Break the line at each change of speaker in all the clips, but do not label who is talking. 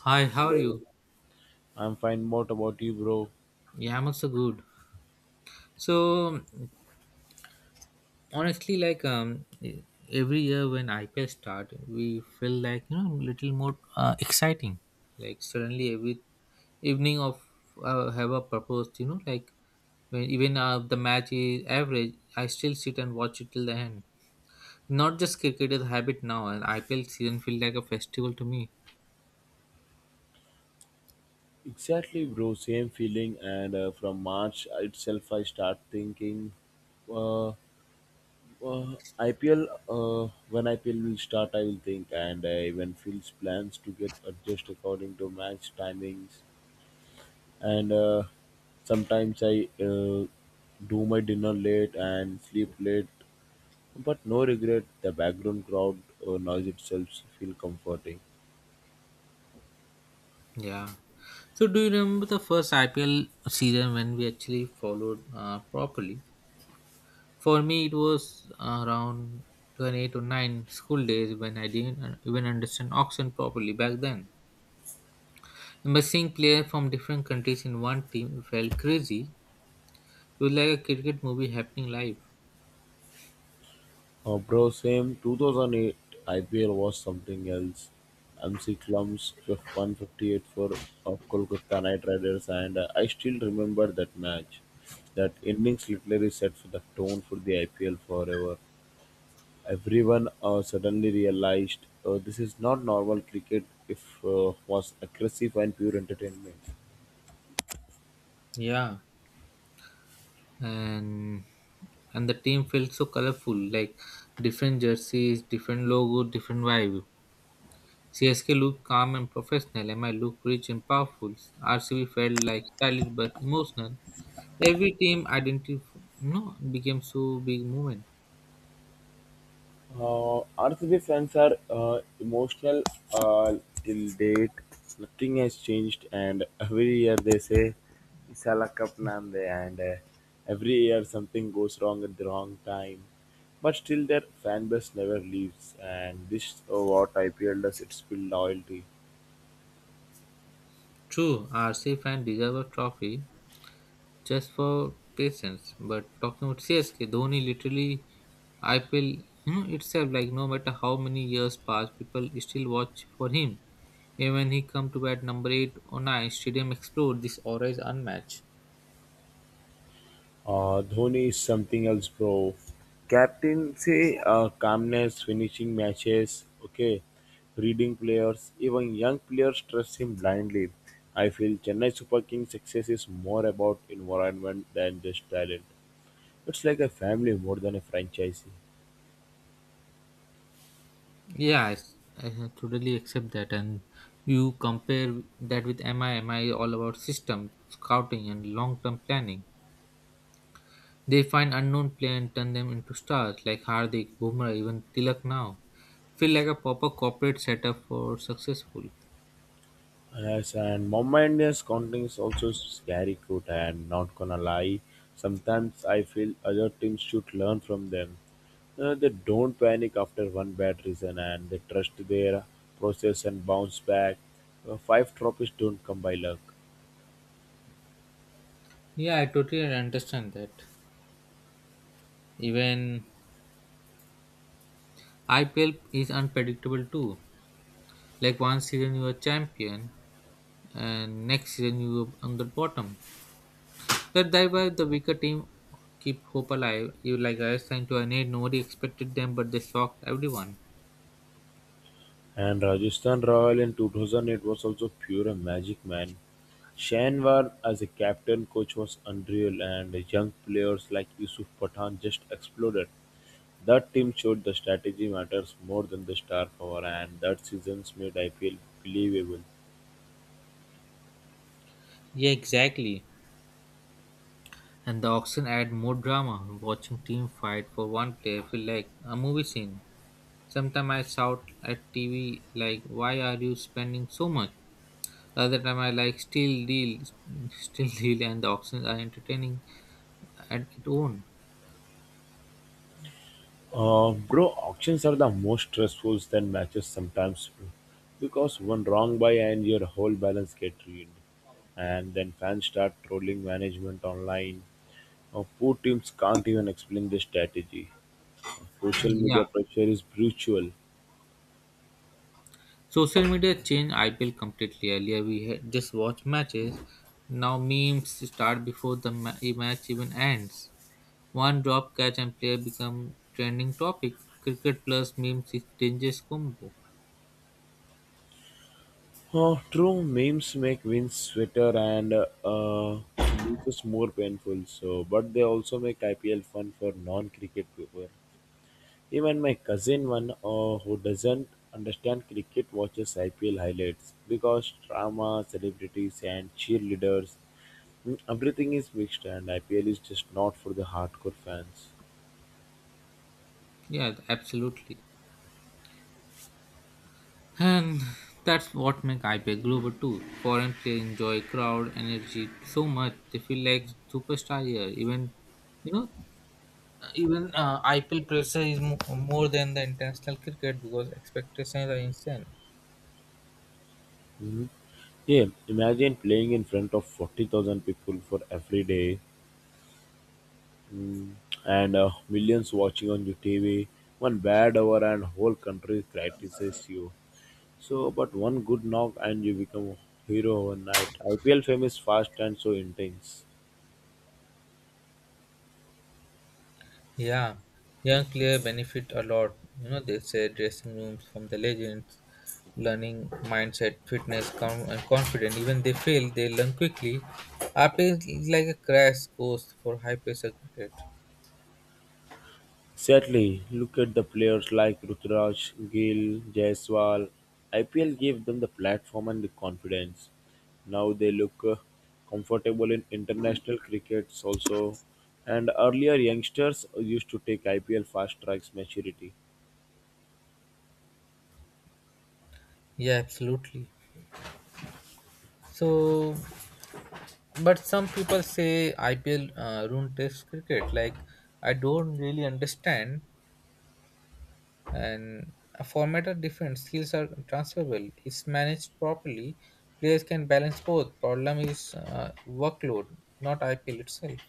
Hi, how are
Hello,
you?
I'm fine. What about you, bro?
Yeah, I'm also good. So honestly, like um, e, every year when IPL start, we feel like little more exciting. Like suddenly every evening of have a purpose. When even the match is average, I still sit and watch it till the end. Not just cricket is a habit now, and IPL season feel like a festival to me.
Exactly, bro. Same feeling. And from March itself, I start thinking, uh, uh, IPL. When IPL will start, I will think, and I even feels plans to get adjust according to match timings. And sometimes I uh, do my dinner late and sleep late, but no regret. The background crowd noise itself feel comforting.
Yeah. So do you remember the first IPL season when we actually followed properly? For me, it was around 28 to 9 school days when I didn't even understand auction properly back then. But seeing players from different countries in one team felt crazy. It was like a cricket movie happening live.
Bro, same 2008 IPL was something else. MC Clumps with 158 for Kolkata Knight Riders, and I still remember that match. That innings literally set for the tone for the IPL forever. Everyone suddenly realized this is not normal cricket if was aggressive and pure entertainment.
Yeah, and and the team felt so colorful, like different jerseys, different logo, different vibe. CSK looked calm and professional. MI looked rich and powerful. RCB felt like stylish but emotional. Every team identity no became so big movement.
RCB fans are emotional uh, till date. Nothing has changed, and every year they say Isala Cup Nande, and every year something goes wrong at the wrong time. But still, their fan base never leaves, and this is what IPL does. It's build loyalty.
True, RCF and deserve a trophy just for patience. But talking about CSK, Dhoni literally IPL itself like no matter how many years pass, people still watch for him. Even when he come to bat number eight or nine, stadium explode. This aura is unmatched.
Dhoni is something else, bro. Captaincy, calmness, finishing matches, okay, reading players, even young players trust him blindly. I feel Chennai Super Kings' success is more about environment than just talent. It's like a family more than a franchise.
Yeah, I totally accept that. And you compare that with MI. MI is all about system, scouting, and long-term planning. They find unknown players and turn them into stars like Hardik, Bumrah, even Tilak now. Feel like a proper corporate setup for successful.
Yes, and Mumbai Indians counting is also scary good and not gonna lie. Sometimes I feel other teams should learn from them. They don't panic after one bad reason and they trust their process and bounce back. Five trophies don't come by luck.
Yeah, I totally understand that. Even IPL is unpredictable too. Like one season you are champion and next season you are on the bottom. That's why the weaker team keep hope alive. You like I signed to an eight, nobody expected them but they shocked everyone.
And Rajasthan Royal in 2008 was also pure magic, man. Shanwar as a captain coach was unreal and young players like Yusuf Pathan just exploded. That team showed the strategy matters more than the star power, and that seasons made IPL believable.
Yeah, exactly. And the auction add more drama. Watching team fight for one player feel like a movie scene. Sometimes I shout at TV like, "Why are you spending so much?" Other time I like still deal, and the auctions are entertaining at its own.
Bro, auctions are the most stressful than matches sometimes, bro, because one wrong buy and your whole balance get ruined, and then fans start trolling management online. Poor teams can't even explain their strategy. Social
Yeah,
media pressure is brutal.
social media changed IPL completely. Earlier we had just watch matches. Now memes start before the ma- e match even ends. One drop catch and player become trending topic. Cricket plus memes is dangerous combo.
Oh, true, memes make wins sweeter and losses more painful. So, but they also make IPL fun for non-cricket people. Even my cousin one who doesn't understand cricket watches IPL highlights because drama, celebrities, and cheerleaders, mm, everything is mixed, and IPL is just not for the hardcore fans.
Yeah, absolutely. And that's what makes IPL global too. Foreign players enjoy crowd energy so much they feel like superstar here. Even you know, even IPL pressure is more than the international cricket because expectations are insane.
Mhm. Yeah, imagine playing in front of 40,000 people for every day. Mm, and millions watching on your TV. One bad hour and whole country criticizes you. So, but one good knock and you become a hero overnight. IPL fame is fast and so intense.
Yeah, young players benefit a lot. You know, they say dressing rooms from the legends, learning mindset, fitness, and confidence. Even they fail, they learn quickly. RP is like a crash course for high pressure cricket.
Sadly, look at the players like Rutraj, Gill, Jaiswal. IPL gave them the platform and the confidence. Now they look comfortable in international crickets also. And earlier youngsters used to take IPL fast tracks maturity.
Yeah, absolutely. So, but some people say IPL ruined Test cricket. Like, I don't really understand. And a format are different skills are transferable if managed properly players can balance both problem is workload not ipl itself.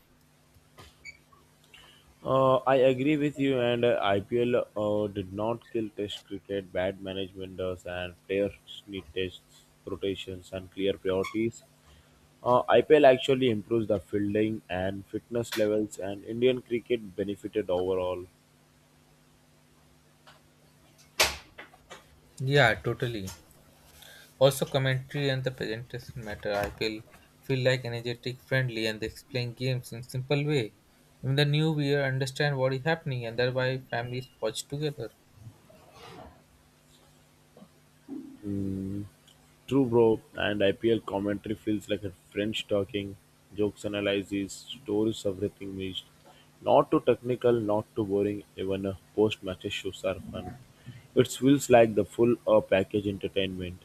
I agree with you, and IPL did not kill Test cricket. Bad management does, and players need Test rotations, and clear priorities. IPL actually improves the fielding and fitness levels, and Indian cricket benefited overall.
Yeah, totally. Also commentary and the presentation matter ipl feel like energetic friendly and they explain games in simple way, even the new viewer understand what is happening and thereby families watch together.
Mm. True, bro, and IPL commentary feels like a French talking, jokes analysis, stories everything mixed. Not too technical, not too boring, even post-match issues are fun. It feels like the full package entertainment.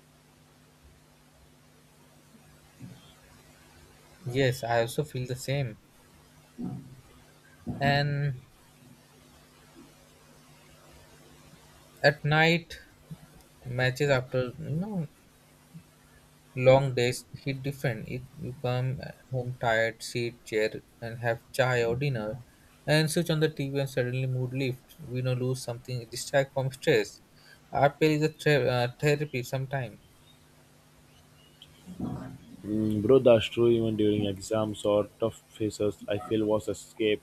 Yes, I also feel the same. And at night matches after you know long days hit different. It, you come home tired, sit chair and have chai or dinner, and switch on the TV and suddenly mood lifts. We know lose something distract from stress. Art play is a therapy sometime.
Mm, bro, that's true even during exams or tough phases, I feel was escape.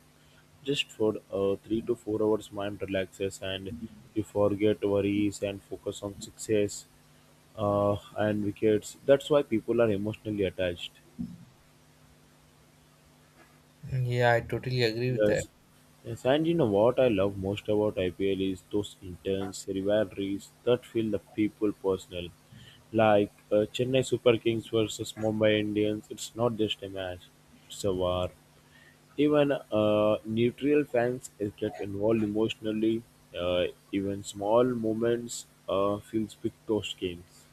Just for 3 to 4 hours mind relaxes and you forget worries and focus on success and wickets. That's why people are emotionally attached.
Yeah, I totally agree with that.
Yes. Yes, and you know what I love most about IPL is those intense rivalries that feel the people personal. Like Chennai Super Kings versus Mumbai Indians, it's not just a match, it's a war. Even neutral fans get involved emotionally. Uh, Even small moments feels big toast games.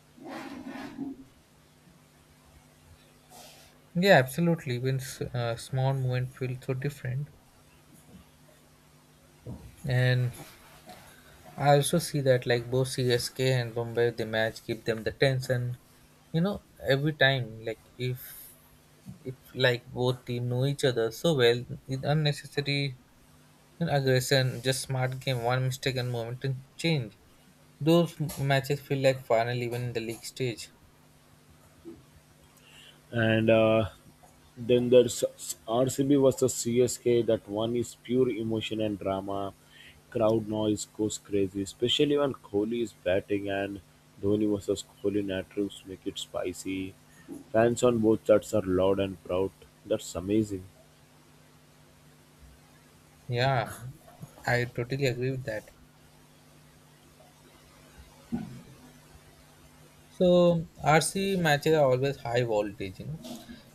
Yeah, absolutely. Even small movement feel so different. And I also see that like both CSK and Bombay, the match give them the tension. You know, every time like if like both team know each other so well, with unnecessary aggression, just smart game, one mistake and momentum change. Those matches feel like final even in the league stage.
And then there's RCB versus CSK. That one is pure emotion and drama. Crowd noise goes crazy, especially when Kohli is batting and Dhoni versus Kohli narratives make it spicy. Fans on both sides are loud and proud. That's amazing.
Yeah, I totally agree with that. So RC matches are always high voltage, you know.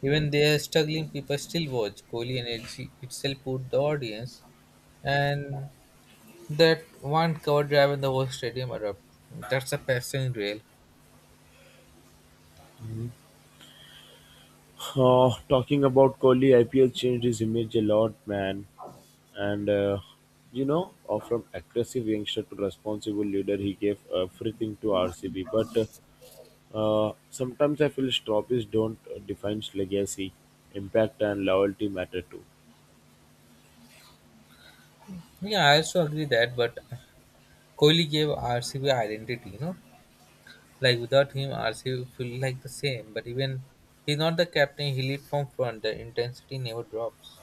Even they are struggling, people still watch. Kohli energy itself put the audience, and that one cover drive in the whole stadium erupt. That's a passion real.
Talking about Kohli, IPL changed his image a lot, man. And you know, from aggressive youngster to responsible leader, he gave everything to RCB. But sometimes I feel trophies don't define legacy, impact, and loyalty matter too.
Yeah, I also agree that, but Kohli gave RCB identity, you know. Like without him, RCB feel like the same. But even he's not the captain, he lead from front. The intensity never drops.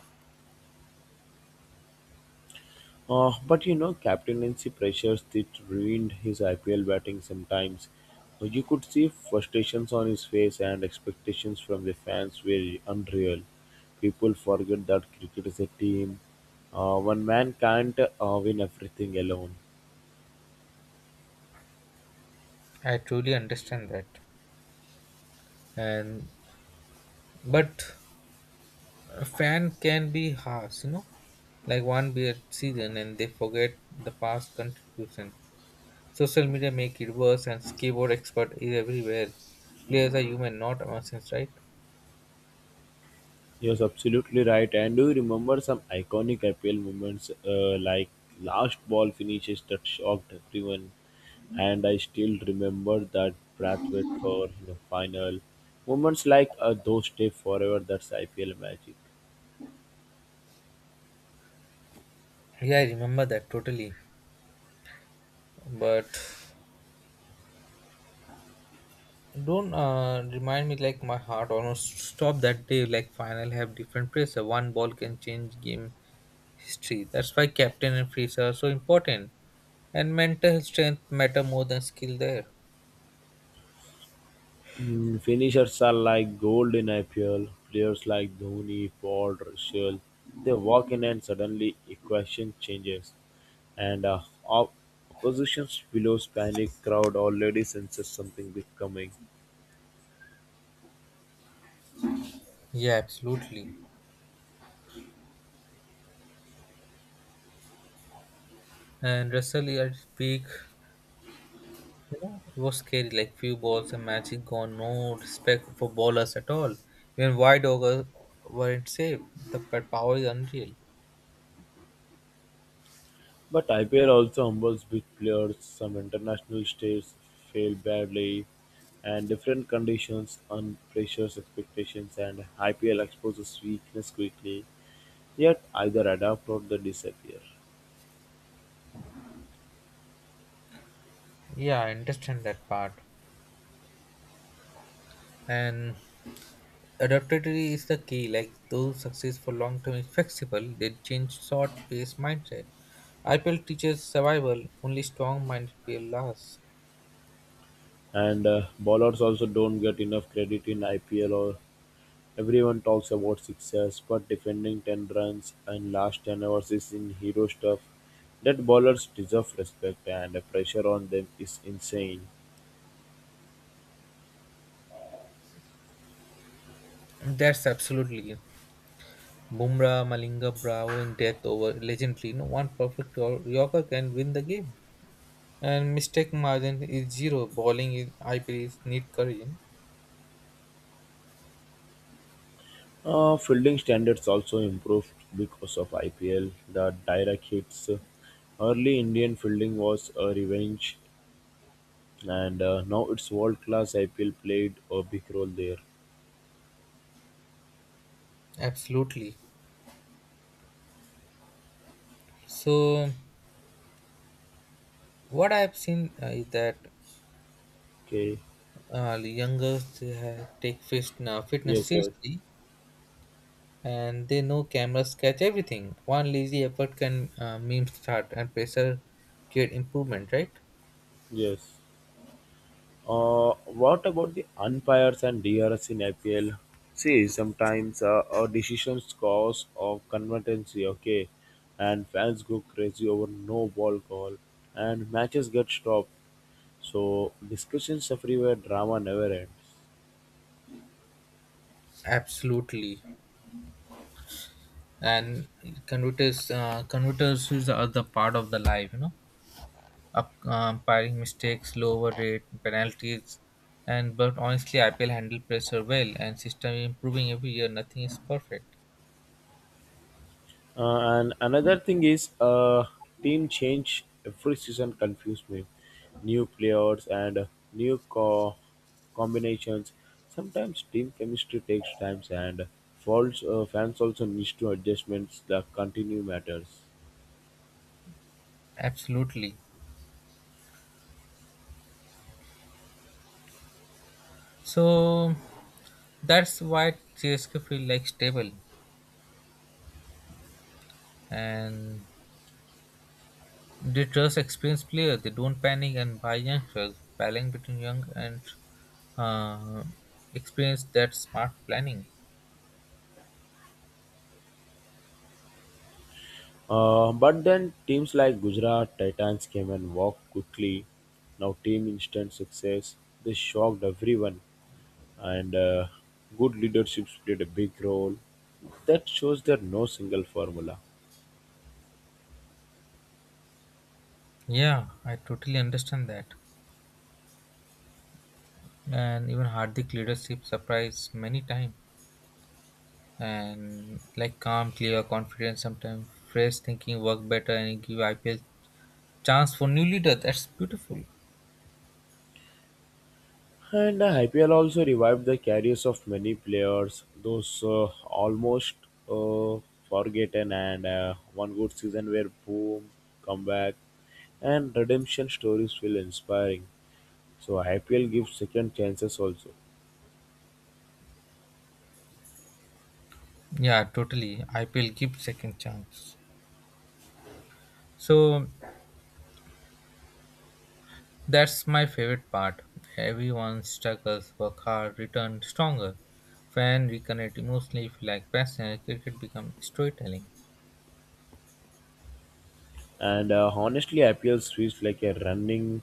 But you know, captaincy pressures that ruined his IPL batting sometimes. You could see frustrations on his face, and expectations from the fans were unreal. People forget that cricket is a team. One man can't win everything alone.
I truly understand that. And but a fan can be harsh, you know. Like one bad season and they forget the past contribution. Social media make it worse and skateboard expert is everywhere. Players are human, not machines, right?
He was absolutely right. And do you remember some iconic IPL moments like last ball finishes that shocked everyone? And I still remember that Brathwaite for the final moments like those stay forever. That's IPL magic.
Yeah, I remember that totally. But don't remind me like my heart almost stopped that day. Like final have different pressure. One ball can change game history. That's why captain and freezer are so important. And mental strength matter more than skill there.
Mm, finishers are like gold in IPL. Players like Dhoni, Ford, Russell, they walk in and suddenly equation changes, and opposition's billows panic. Crowd already senses something big coming.
Yeah, absolutely. And Russell at his peak, you know, it was scary. Like few balls and magic gone. No respect for bowlers at all. Even wide overs weren't safe. The power is unreal.
But IPL also humbles big players. Some international states fail badly, and different conditions and pressures expectations, and IPL exposes weakness quickly. Yet either adapt or they disappear.
Yeah, I understand that part. And adaptability is the key. Like those successful long-term is flexible, they change short-paced mindset. IPL teaches survival. Only strong-minded player lasts.
And bowlers also don't get enough credit in IPL. Or everyone talks about sixes, but defending ten runs and last ten overs is in hero stuff. That bowlers deserve respect, and the pressure on them is insane.
That's absolutely Bumrah, Malinga, Bravo in death over legendary. No one perfect or Yorker can win the game. And mistake margin is zero. Bowling in IPL is need courage.
Fielding standards also improved because of IPL. The direct hits, early Indian fielding was a revenge, and now it's world class. IPL played a big role there.
Absolutely. So what I've seen is that
Okay.
the youngers they have take fitness
Yes. Yes.
seriously. And they know cameras catch everything. One lazy effort can meme start and pressure create improvement, right?
Yes. What about the umpires and DRS in IPL? See, sometimes decisions cause of controversy, okay, and fans go crazy over no ball call, and matches get stopped. So discussions everywhere, drama never ends.
Absolutely. And converters, converters is the other part of the life, you know, up firing mistakes, lower rate, penalties, and but honestly, IPL handle pressure well, and system improving every year. Nothing is perfect.
And another thing is, team change every season confused me. New players and new co- combinations. Sometimes team chemistry takes time, and false fans also need to adjustments that continue matters.
Absolutely. So that's why CSK feel like stable and they trust experienced players. They don't panic and buy youngsters. Balancing between young and uh, experience that smart planning.
But then teams like Gujarat Titans came and walked quickly. Now team instant success. This shocked everyone, and good leaderships played a big role. That shows there no single formula.
Yeah, I totally understand that. And even Hardik leadership surprised many times. And like calm, clear, confident, sometimes fresh thinking work better and give IPL chance for new leader. That's beautiful.
And IPL also revived the careers of many players, those almost uh, forgotten, and one good season where boom, comeback, and redemption stories feel inspiring. So IPL gives second chances also.
Yeah, totally. IPL give second chance. So that's my favorite part. Everyone struggles, work hard, return stronger. Fan reconnect emotionally, feel like passion, cricket become storytelling.
And honestly, IPL feels like a running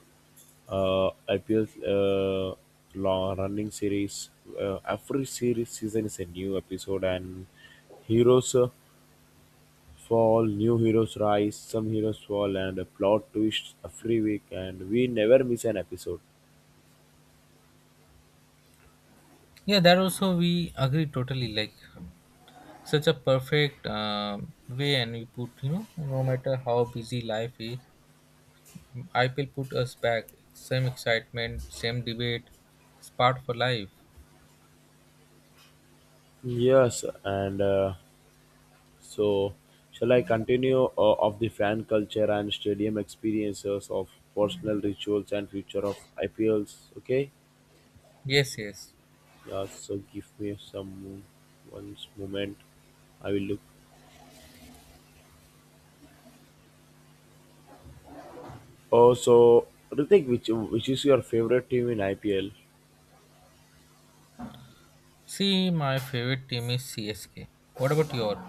uh, IPL long running series. Every series season is a new episode, and heroes fall, new heroes rise, some heroes fall, and a plot twist every week. And we never miss an episode.
Yeah, that also we agree totally. Like such a perfect way, and we put you know no matter how busy life is, IPL put us back. Same excitement, same debate, it's part for life.
Yes, and so shall I continue of the fan culture and stadium experiences of personal rituals and future of IPLs? Okay.
Yes, yes.
Yeah, so give me some one's moment. I will look. Oh, so Ritik, which is your favorite team in IPL?
See, my favorite team is CSK. What about your?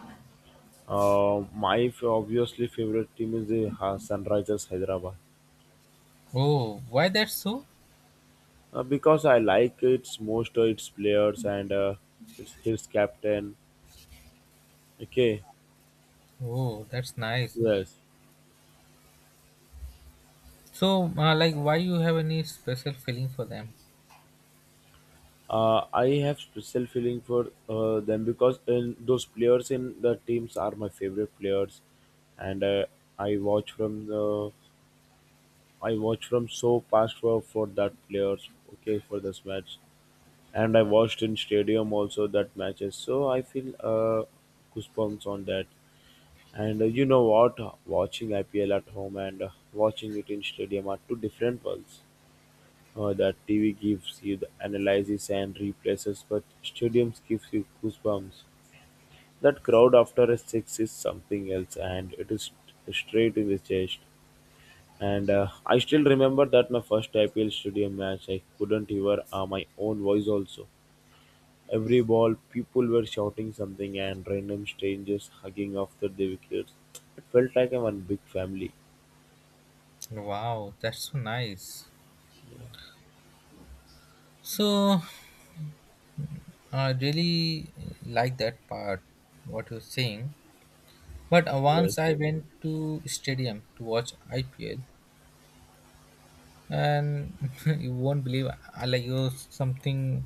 Obviously favorite team is the Sunrisers Hyderabad
Oh, why that's so?
because I like its most its players and its his captain. Okay,
Oh, that's nice.
yes.
So, like, why you have any special feeling for them?
I have special feeling for them because in those players in the teams are my favorite players, and I watch from the I watched from so past for that players okay for this match, and I watched in stadium also that matches. So I feel goosebumps on that. And you know what, watching IPL at home and watching it in stadium are two different worlds. That TV gives you the analysis and replaces, but stadiums gives you goosebumps. That crowd after a six is something else, and it is straight in the chest. And I still remember that my first IPL stadium match, I couldn't hear my own voice also. Every ball, people were shouting something and random strangers hugging after the wickets. It felt like a one big family.
Wow, that's so nice. So, I really like that part, what you're saying. But
Yeah,
once I went to stadium to watch IPL, and you won't believe, I like it was something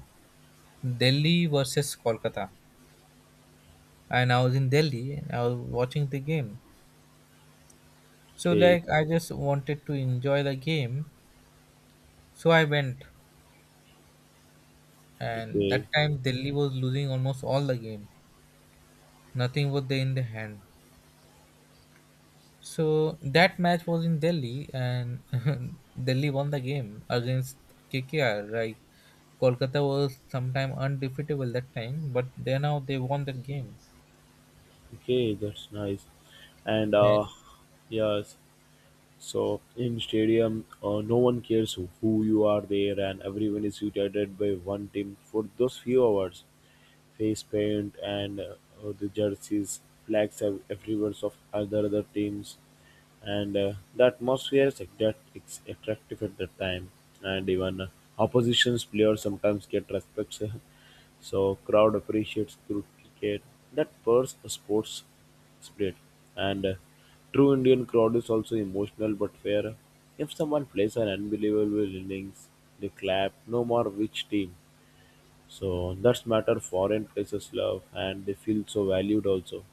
Delhi versus Kolkata, and I was in Delhi and I was watching the game. So,
okay,
like, I just wanted to enjoy the game, so I went and that
okay,
time Delhi was losing almost all the game. Nothing was there in the hand. So that match was in Delhi, and Delhi won the game against KKR. Right, Kolkata was sometime undefeatable that time, but they now they won that game,
okay, that's nice. And
and
yes, so in stadium, no one cares who you are there, and everyone is united by one team for those few hours. Face paint and the jerseys, flags everywhere of other teams, and the atmosphere is attract- it's attractive at that time. And even opposition's players sometimes get respect, so crowd appreciates cricket. That burst sports spirit. And true Indian crowd is also emotional but fair. If someone plays an unbelievable innings, they clap. No more which team. So that's matter foreign places love and they feel so valued also.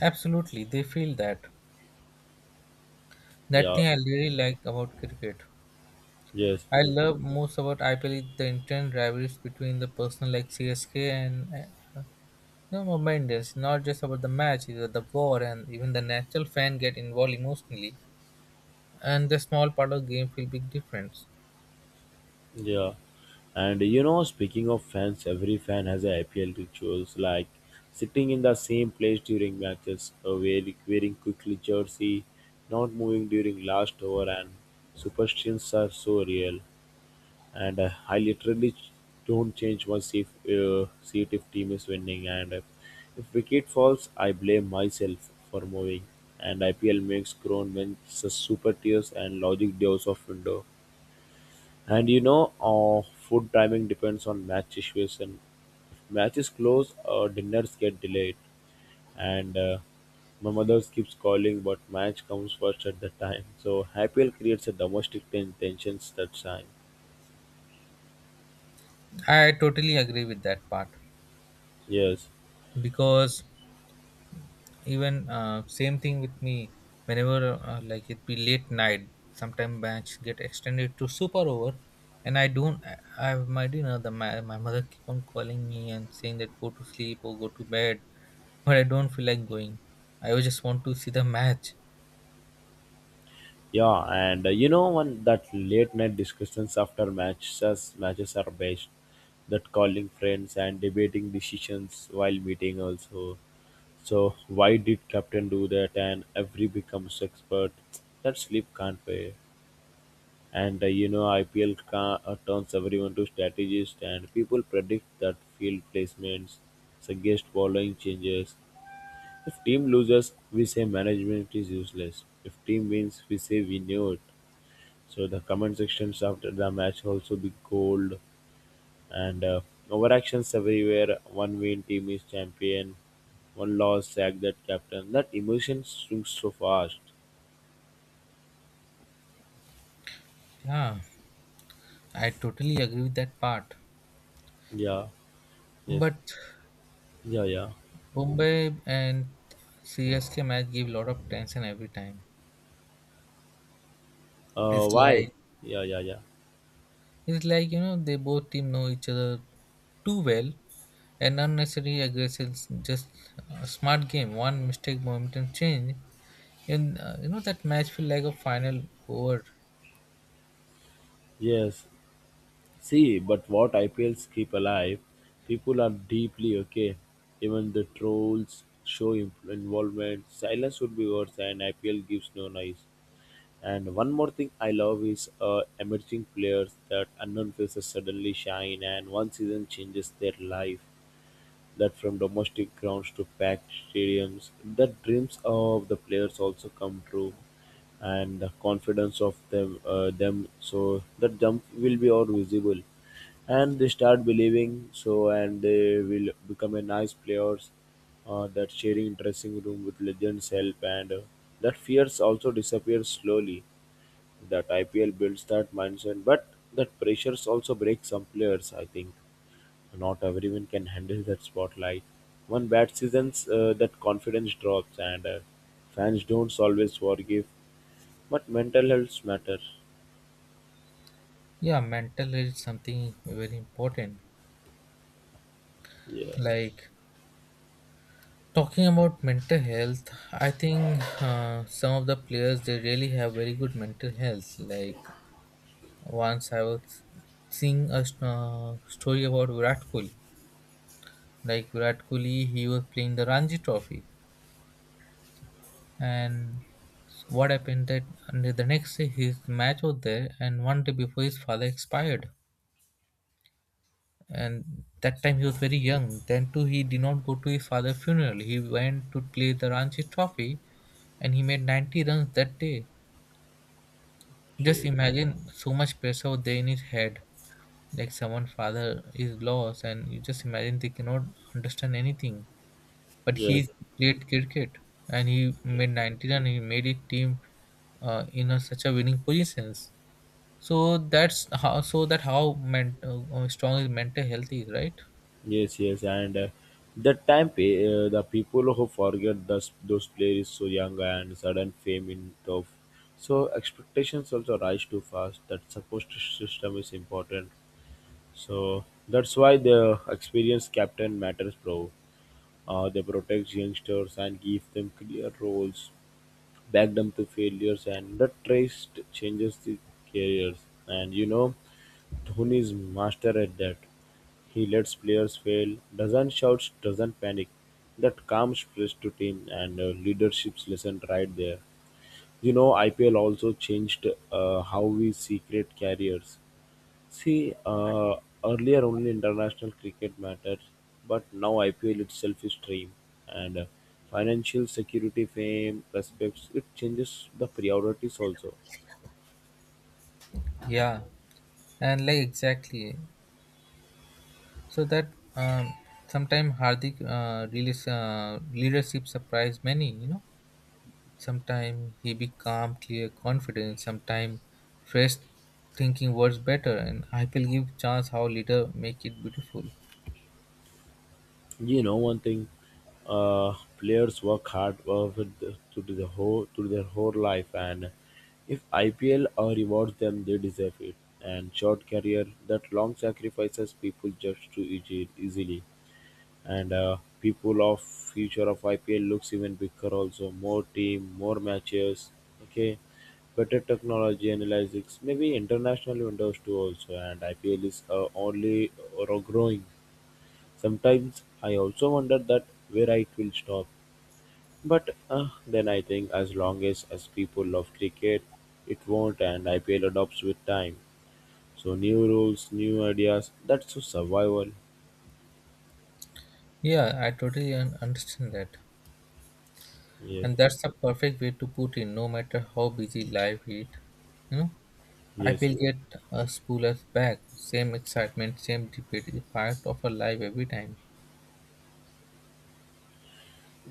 absolutely they feel that. That
Yeah.
thing I really like about cricket.
Yes.
I love most about IPL is the intense rivalries between the person like CSK and uh, no, moment is not just about the match, it's about the war, and even the natural fan get involved emotionally, and the small part of game feel big difference.
Yeah. And you know, speaking of fans, every fan has a IPL rituals like sitting in the same place during matches, wearing quickly jersey, not moving during last over, and superstitions are so real. And I don't change my seat, seat if team is winning, and if wicket falls I blame myself for moving. And IPL makes grown super tears and logic deals of window. And food timing depends on match situation. If match is close, dinners get delayed, and my mother keeps calling but match comes first at the time. So IPL creates a domestic tensions that time.
I totally agree with that part
Yes.
because even same thing with me. Whenever like it be late night, sometime match get extended to super over, and I don't I have my dinner. My mother keep on calling me and saying that go to sleep or go to bed, but I don't feel like going. I just want to see the match.
Yeah, and you know, one that late night discussions after matches are best. That calling friends and debating decisions while meeting also. So why did captain do that? And every becomes expert. That sleep can't pay. And you know, IPL turns everyone to strategist, and people predict that field placements, suggest following changes. If team loses, we say management is useless. If team wins, we say we knew it. So the comment sections after the match also be cold, and overactions everywhere. One win, team is champion, one loss, sack that captain. That emotion swings so fast.
Yeah. I totally agree with that part.
Yeah. Yes.
But
Yeah. Yeah.
Bombay and CSK match give a lot of tension every time. It's
Why?
like
Yeah. Yeah. Yeah.
it's like you know they both team know each other too well and unnecessary aggression just a smart game one mistake momentum change and you know that match feel like a final over.
Yes. See, but what IPLs keep alive, people are deeply okay. Even the trolls show involvement. Silence would be worse, and IPL gives no noise. And one more thing I love is emerging players, that unknown faces suddenly shine, and one season changes their life. That from domestic grounds to packed stadiums, the dreams of the players also come true, and the confidence of them. So that jump will be all visible, and they start believing. So and they will become a nice players. That sharing dressing room with legends help, and that fears also disappears slowly. That IPL builds that mindset, but that pressures also breaks some players, I think. Not everyone can handle that spotlight. One bad season's that confidence drops, and fans don't always forgive. But mental health matters.
Yeah, mental is something very important.
Yeah.
Like talking about mental health, I think some of the players they really have very good mental health. Like once I was seeing a story about Virat Kohli. Like Virat Kohli, he was playing the Ranji Trophy, and what happened that and the next day his match was there, and one day before his father expired, and that time he was very young. Then too, he did not go to his father's funeral. He went to play the Ranji Trophy, and he made 90 runs that day. Just
Okay.
imagine so much pressure there in his head. Like someone father is lost and you just imagine they cannot understand anything. But
Yeah.
he played cricket and he made 90 and he made his team in such a winning positions. So that's how so that how men, strong is mental health is, right?
Yes. Yes. And that time, the people who forget those players so young and sudden fame in tough. So expectations also rise too fast. That support system is important. So that's why the experience captain matters, bro. They protect youngsters and give them clear roles, back them to failures, and the trust changes the careers. And you know, Dhoni is master at that. He lets players fail, doesn't shout, doesn't panic. That calm stress to team, and leadership's lesson right there. You know, IPL also changed how we see great careers. See, uh, Earlier only international cricket mattered, but now IPL itself is stream, and financial security, fame, prospects, it changes the priorities also.
Yeah, and like exactly. So that sometimes Hardik really leadership surprised many, you know. Sometimes he be calm, clear, confident. Sometimes fresh thinking works better, and I will give chance how leader make it beautiful.
You know one thing, players work hard with the, to do the whole to their whole life, and if IPL rewards them, they deserve it. And short career, that long sacrifices, people judge too easily. And people of future of IPL looks even bigger, also more team, more matches. Okay, better technology analytics, maybe international windows too also. And IPL is only or growing. Sometimes I also wonder that where it will stop, but then I think, as long as people love cricket, it won't, and IPL adopts with time. So new rules, new ideas, that's so survival.
Yeah, I totally understand that,
Yeah.
and that's the perfect way to put in. No matter how busy life is, you know, I
Yes.
will get a spoolers back. Same excitement, same debate is part of our life every time.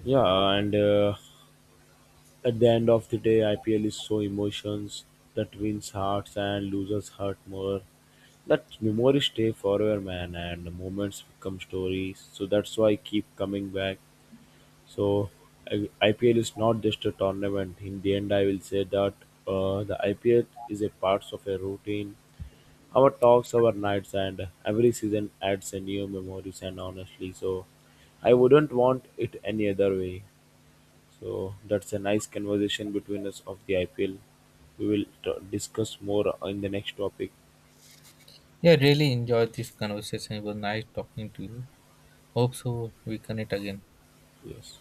Yeah. And at the end of the day, IPL is so emotions, that wins hearts and loses hurt more. That memories stay forever, man, and the moments become stories. So that's why I keep coming back. So IPL is not just a tournament. In the end, I will say that the IPL is a part of a routine. Our talks, our nights, and every season adds a new memories. And honestly, so I wouldn't want it any other way. So that's a nice conversation between us of the IPL. We will discuss more in the next topic.
Yeah, really enjoyed this conversation. It was nice talking to you. Hope so we connect again.
Yes.